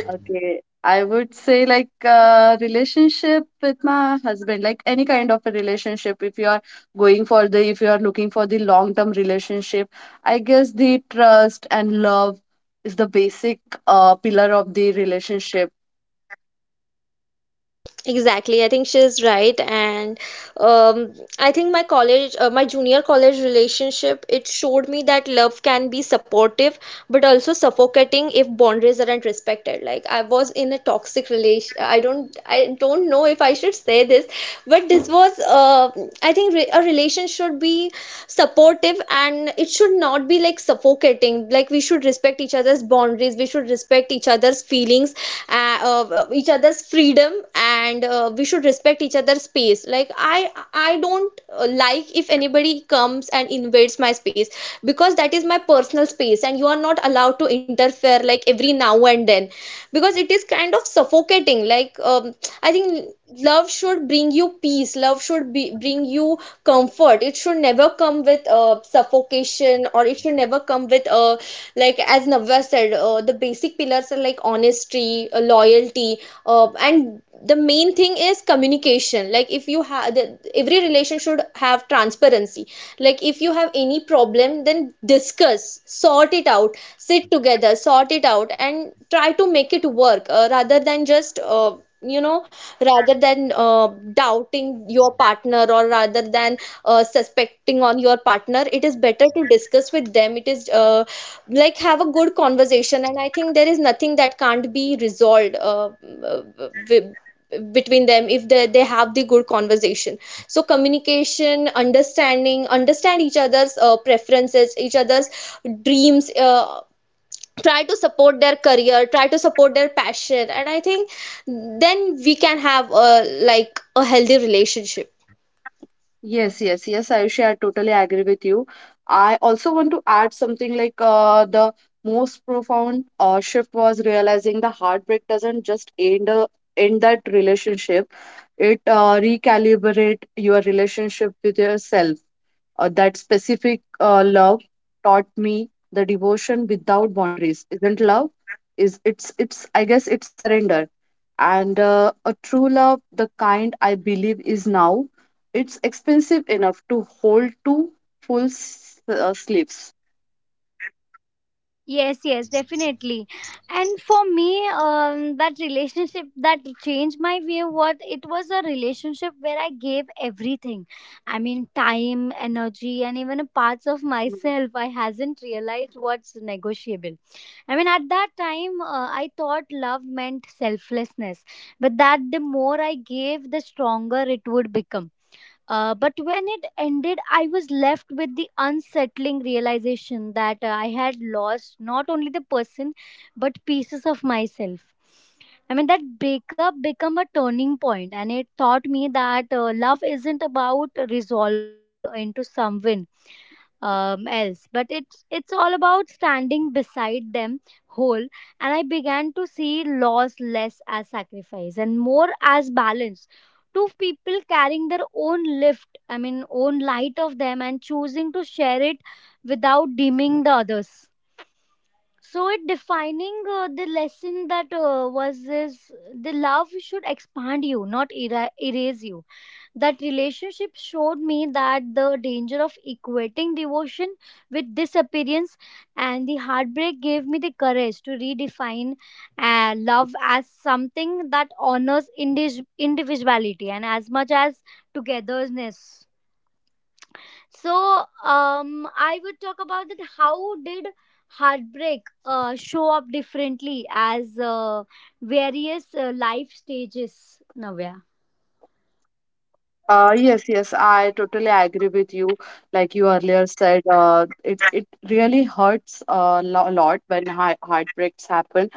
Speaker 3: Okay, I would say like relationship with my husband, like any kind of a relationship. If you are going for the, if you are looking for the long-term relationship, I guess the trust and love is the basic pillar of the relationship.
Speaker 2: Exactly, I think she's right, and I think my college, my junior college relationship, it showed me that love can be supportive but also suffocating if boundaries aren't respected. Like, I was in a toxic relation. I don't know if I should say this, but this was a relation should be supportive, and it should not be like suffocating. Like, we should respect each other's boundaries, we should respect each other's feelings, uh, each other's freedom, and we should respect each other's space. Like I don't like if anybody comes and invades my space, because that is my personal space and you are not allowed to interfere like every now and then, because it is kind of suffocating. Like I think love should bring you peace, love should bring you comfort. It should never come with suffocation, or it should never come with like as Navya said, the basic pillars are like honesty, loyalty, and the main thing is communication. Like if you have every relation should have transparency. Like if you have any problem, then discuss, sort it out, sit together, sort it out and try to make it work, rather than just you know rather than doubting your partner, or rather than suspecting on your partner. It is better to discuss with them. It is like have a good conversation, and I think there is nothing that can't be resolved w- between them if they have the good conversation. So communication, understanding, understand each other's preferences, each other's dreams, try to support their career, try to support their passion, and I think then we can have a like a healthy relationship.
Speaker 3: Yes, yes, yes, Ayushi, I totally agree with you. I also want to add something like the most profound shift was realizing the heartbreak doesn't just end that relationship. It recalibrate your relationship with yourself. That specific love taught me the devotion without boundaries isn't love. Is it's it's, I guess, it's surrender. And a true love, the kind I believe is now, it's expensive enough to hold two full sleeves.
Speaker 1: Yes, yes, definitely. And for me, that relationship that changed my view, what it was, a relationship where I gave everything. I mean, time, energy, and even a parts of myself. I hasn't realized what's negotiable. I mean, at that time, I thought love meant selflessness, but that the more I gave, the stronger it would become. But when it ended, I was left with the unsettling realization that I had lost not only the person but pieces of myself. I mean, that breakup became a turning point, and it taught me that love isn't about resolving into someone else, but it's all about standing beside them whole. And I began to see loss less as sacrifice and more as balance, two people carrying their own lift, I mean own light of them, and choosing to share it without deeming the others. So it defining the lesson that uh, was is, the love should expand you, not erase you. That relationship showed me that the danger of equating devotion with disappearance, and the heartbreak gave me the courage to redefine love as something that honors individuality and as much as togetherness. So um, I would talk about that, how did heartbreak show up differently as various life stages, Navya?
Speaker 3: Yes, yes, I totally agree with you. Like you earlier said, it it really hurts a lot when heartbreaks happen,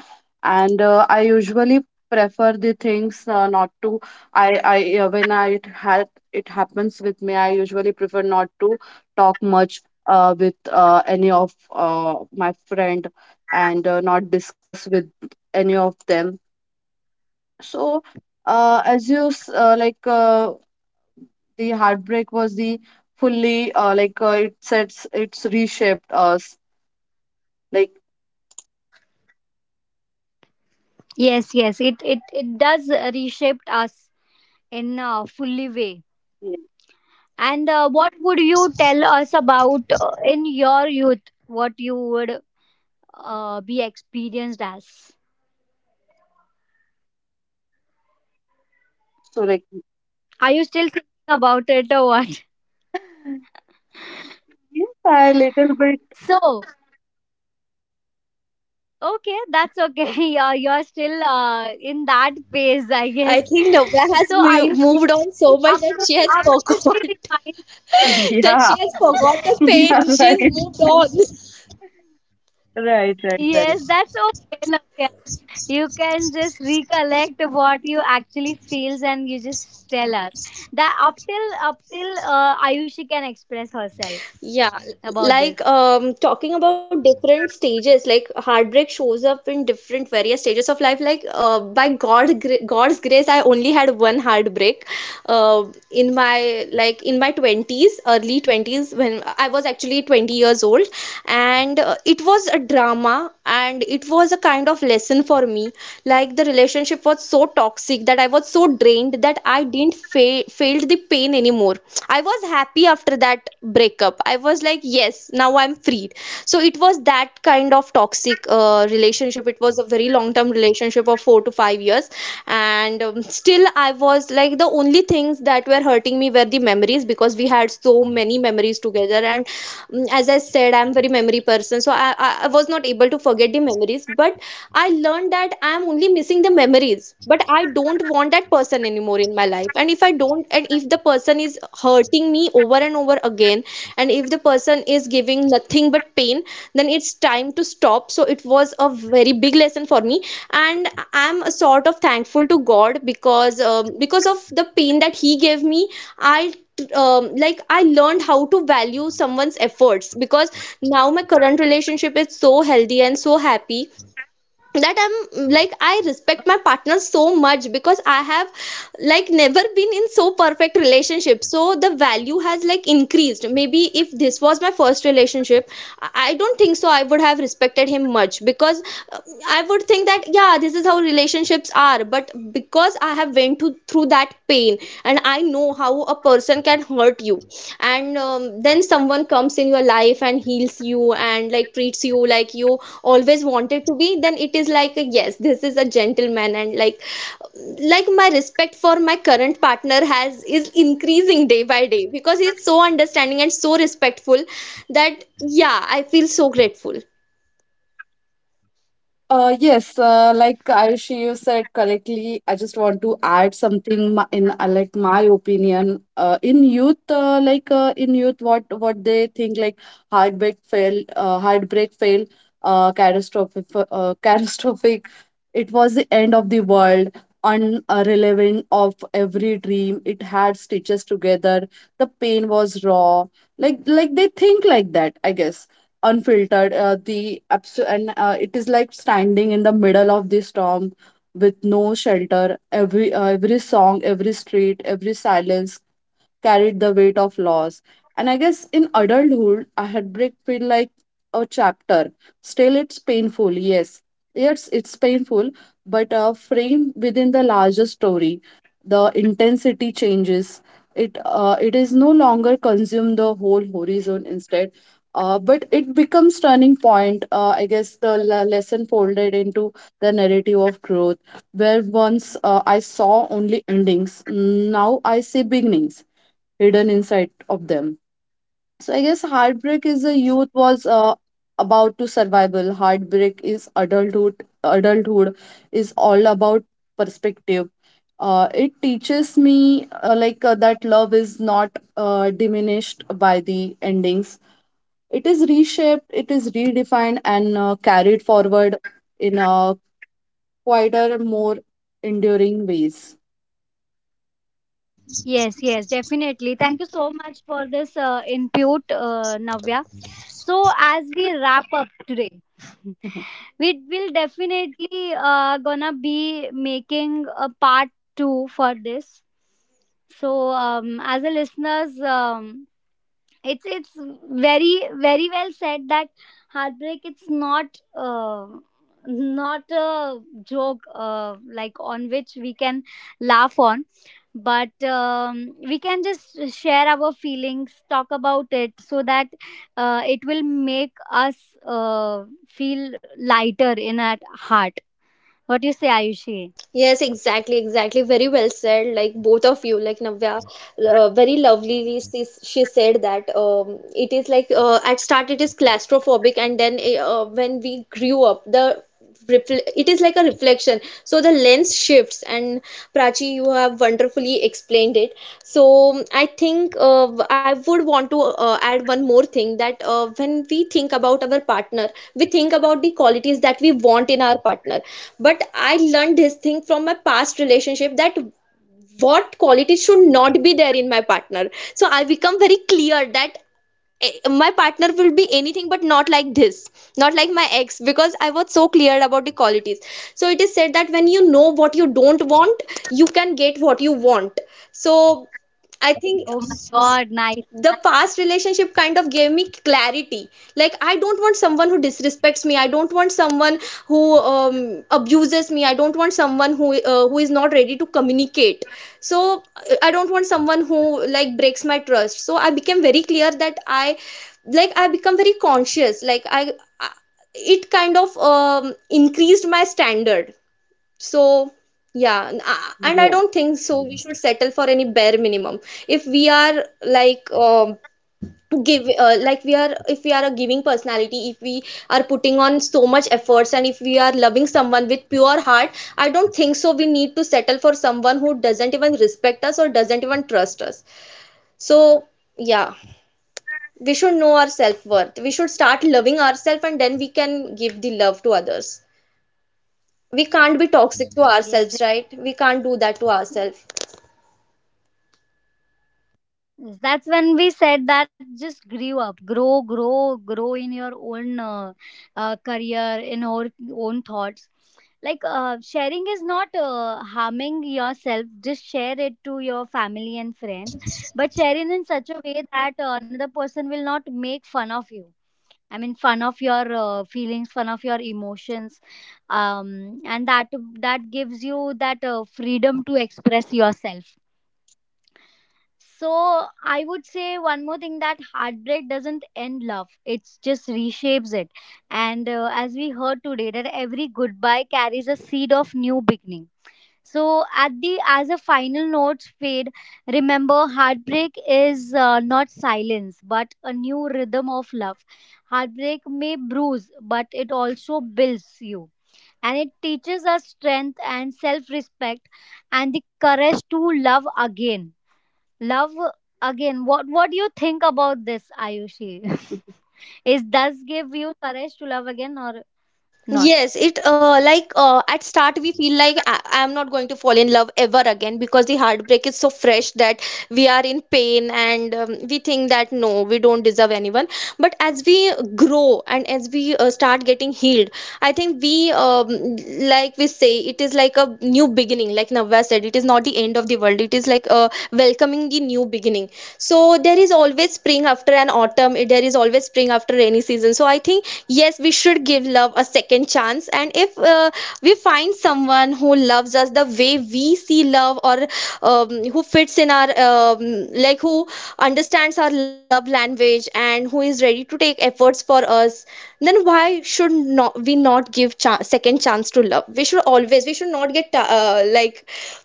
Speaker 3: and I usually prefer the things not to. I I When I it had it happens with me, I usually prefer not to talk much with any of my friend and not discuss with any of them. So, as you like. The heartbreak was the fully it sets it's reshaped us like
Speaker 1: Yes, yes, it does reshape us in a fully way.
Speaker 3: Yeah.
Speaker 1: And what would you tell us about in your youth? What you would be experienced as?
Speaker 3: So like
Speaker 1: Are you still thinking about it or what? [laughs]
Speaker 3: yes, I little bit.
Speaker 1: So okay, that's okay. [laughs] You're still in that phase, I
Speaker 2: I
Speaker 1: guess.
Speaker 2: think
Speaker 1: [laughs]
Speaker 2: Navya has
Speaker 1: So are you?
Speaker 2: moved on so much that
Speaker 1: After,
Speaker 2: she has
Speaker 1: after
Speaker 2: forgot
Speaker 1: she
Speaker 3: [laughs]
Speaker 2: [laughs] that
Speaker 3: Yeah.
Speaker 2: she has forgot the
Speaker 1: [laughs]
Speaker 2: pain, she's moved on.
Speaker 1: yes, that's okay. No, you can just recollect what you actually feels and you just tell us that up till Ayushi can express herself
Speaker 2: Yeah,
Speaker 1: about this.
Speaker 2: like talking about different stages, like heartbreak shows up in different various stages of life. Like by God, God's grace, I only had one heartbreak, uh, in my like in my twenties, early 20s, when I was actually 20 years old, and it was a drama, and it was a kind of lesson for me. Like the relationship was so toxic that I was so drained that I didn't failed the pain anymore. I was happy after that breakup. I was like, yes, now I'm freed. So it was that kind of toxic relationship. It was a very long term relationship of 4 to 5 years. And still, I was like, the only things that were hurting me were the memories because we had so many memories together. And mm, as I said, I'm very memory person. So I was not able to forget the memories. But I learned that I'm only missing the memories. But I don't want that person anymore in my life, and if I don't, and if the person is hurting me over and over again, and if the person is giving nothing but pain, then it's time to stop. So it was a very big lesson for me. And I'm a sort of thankful to God, because of the pain that he gave me, I like I learned how to value someone's efforts, because now my current relationship is so healthy and so happy that I'm like I respect my partner so much, because I have like never been in so perfect relationship. So the value has like increased. Maybe if this was my first relationship, I don't think so I would have respected him much, because uh, I would think that yeah, this is how relationships are. But because I have through that pain, and I know how a person can hurt you, and then someone comes in your life and heals you and like treats you like you always wanted to be, then it is like yes, this is a gentleman. And like my respect for my current partner has is increasing day by day, because he's so understanding and so respectful, that yeah, I feel so grateful.
Speaker 3: Yes, like Ayushi, you said correctly. I just want to add something in like my opinion. In youth, in youth, what they think like heartbreak fail, catastrophic, [laughs] catastrophic. It was the end of the world, unrelevant of every dream. It had stitches together. The pain was raw. Like they think like that, I guess, unfiltered. The abs- and It is like standing in the middle of the storm with no shelter. Every every song, every street, every silence carried the weight of loss. And I guess in adulthood, a heartbreak feel like a chapter. Still, it's painful. Yes, yes, it's painful, but framed within the larger story, the intensity changes. It it is no longer consume the whole horizon. Instead, but it becomes turning point. I guess the lesson folded into the narrative of growth, where once I saw only endings, now I see beginnings hidden inside of them. So I guess heartbreak is a youth was about to survival. Heartbreak is adulthood. Adulthood is all about perspective. It teaches me that love is not diminished by the endings. It is reshaped. It is redefined and carried forward in a quieter, more enduring ways.
Speaker 1: Yes, yes, definitely, thank you so much for this input, Navya. So as we wrap up today, [laughs] we will definitely gonna be making a part 2 for this. So as a listeners, it's very, very well said that heartbreak, it's not not a joke, like on which we can laugh on. But we can just share our feelings, talk about it, so that it will make us feel lighter in our heart. What do you say, Ayushi?
Speaker 2: Yes, exactly, exactly. Very well said. Like both of you, like Navya, very lovely. She said that it is like at start it is claustrophobic, and then when we grew up, the refl it is like a reflection. So the lens shifts, and Prachi, you have wonderfully explained it. So I think I would want to add one more thing, that when we think about our partner, we think about the qualities that we want in our partner. But I learned this thing from my past relationship, that what qualities should not be there in my partner. So I become very clear that my partner will be anything but not like this, not like my ex, because I was so clear about the qualities. So it is said that when you know what you don't want, you can get what you want. So I think
Speaker 1: Oh my god, nice,
Speaker 2: the
Speaker 1: nice.
Speaker 2: past relationship kind of gave me clarity. Like I don't want someone who disrespects me, I don't want someone who abuses me, I don't want someone who is not ready to communicate, so I don't want someone who like breaks my trust. So I became very clear that I become very conscious, like I it kind of increased my standard. So, yeah, and I don't think so, we should settle for any bare minimum. If we are like give like we are, if we are a giving personality, if we are putting on so much efforts, and if we are loving someone with pure heart, I don't think so we need to settle for someone who doesn't even respect us or doesn't even trust us. So, yeah, we should know our self-worth. We should start loving ourselves, and then we can give the love to others. We can't be toxic to
Speaker 1: Yes.
Speaker 2: ourselves, right? We can't do that to ourselves.
Speaker 1: Yes, that's when we said that just grew up, grow, grow, grow in your own career, in your own thoughts. Like sharing is not harming yourself. Just share it to your family and friends, but share it in such a way that another person will not make fun of you. I mean, fun of your feelings, fun of your emotions, and that gives you that freedom to express yourself. So I would say one more thing, that heartbreak doesn't end love; it just reshapes it. And as we heard today, that every goodbye carries a seed of new beginning. So at the as a final note fade, remember, heartbreak is not silence but a new rhythm of love. Heartbreak may bruise, but it also builds you, and it teaches us strength and self-respect and the courage to love again. Love again. What do you think about this, Ayushi? [laughs]
Speaker 3: Mhm.
Speaker 1: Is does give you courage to love again or not?
Speaker 2: Yes, it like at start we feel like I am not going to fall in love ever again, because the heartbreak is so fresh that we are in pain and we think that no, we don't deserve anyone. But as we grow and as we start getting healed, I think we like we say it is like a new beginning. Like Navya said, it is not the end of the world. It is like welcoming the new beginning. So there is always spring after an autumn. There is always spring after rainy season. So I think yes, we should give love a second chance. And if we find someone who loves us the way we see love, or who fits in our who understands our love language and who is ready to take efforts for us, then why should not we not give second chance to love. We should always, we should not get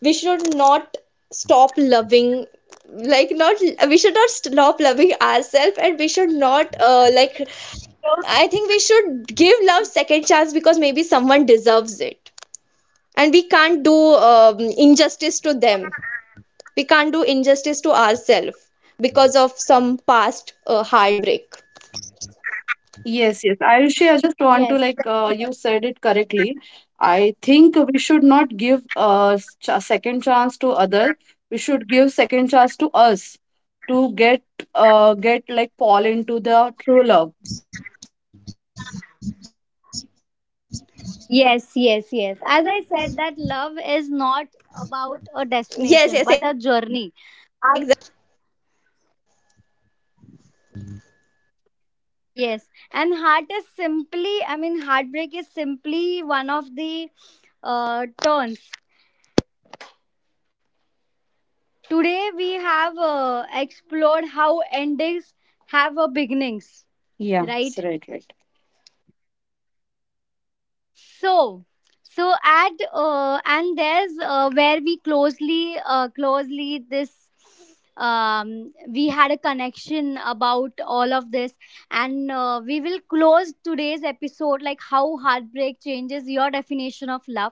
Speaker 2: we should not stop loving, like not, we should not stop loving ourselves, and we should not I think we should give love second chance, because maybe someone deserves it, and we can't do injustice to them. We can't do injustice to ourselves because of some past heartbreak.
Speaker 3: Yes, yes. Ayushi, I just want to
Speaker 1: Yes,
Speaker 3: like you said it correctly. I think we should not give a ch second chance to others. We should give second chance to us to get like fall into the true love.
Speaker 2: Yes, yes, exactly. Thank you.
Speaker 1: yes,
Speaker 2: Thank you
Speaker 1: yes,
Speaker 2: for
Speaker 1: yes. As I
Speaker 2: helping
Speaker 1: said,
Speaker 2: me.
Speaker 1: that love is not about a destination but a journey. Our— yes, and heart is simply, I mean, heartbreak is simply one of the turns. Today we have explored how endings have a beginnings,
Speaker 3: Yeah,
Speaker 1: right?
Speaker 3: right, right.
Speaker 2: Yes, and thank you so much, Prachi, for having us,
Speaker 1: So,
Speaker 2: and thank
Speaker 1: so
Speaker 2: you.
Speaker 1: at and there's where we closely, closely this, we had a connection about all of this. And we will close today's episode like how heartbreak changes your definition of love.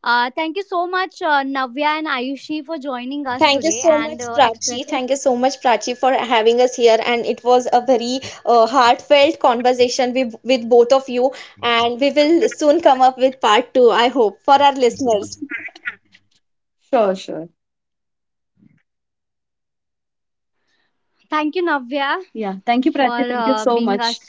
Speaker 1: Thank you so much, Navya and Ayushi, for joining us
Speaker 2: Thank you
Speaker 1: today
Speaker 2: so much,
Speaker 1: and
Speaker 2: Prachi.
Speaker 1: expressing.
Speaker 2: Thank you so much, Prachi, for having us here. And it was a very heartfelt conversation with both of you. And we will soon come up with part two, I hope, for our listeners.
Speaker 3: [laughs] Sure, sure.
Speaker 1: Thank you, Navya,
Speaker 3: Yeah. Thank you,
Speaker 1: for
Speaker 3: Prachi. Thank you so
Speaker 1: being
Speaker 3: much.
Speaker 1: us.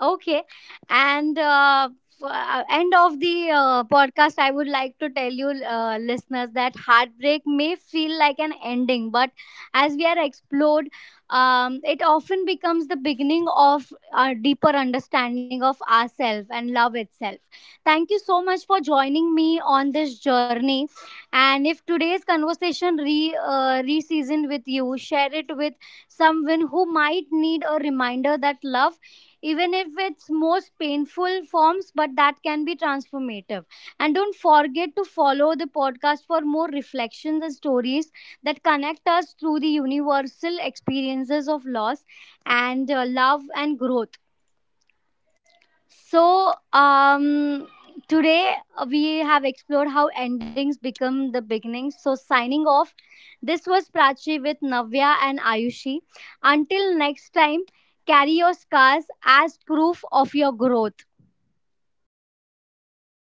Speaker 1: Okay. And end of the podcast, I would like to tell you, listeners, that heartbreak may feel like an ending, but as we are explored, it often becomes the beginning of a deeper understanding of ourselves and love itself. Thank you so much for joining me on this journey. And if today's conversation re seasoned with you, share it with someone who might need a reminder that love, even if it's most painful forms, but that can be transformative. And don't forget to follow the podcast for more reflections and stories that connect us through the universal experiences of loss and love and growth. So, today we have explored how endings become the beginnings. So, signing off, this was Prachi with Navya and Ayushi. Until next time, carry your scars as proof of your growth.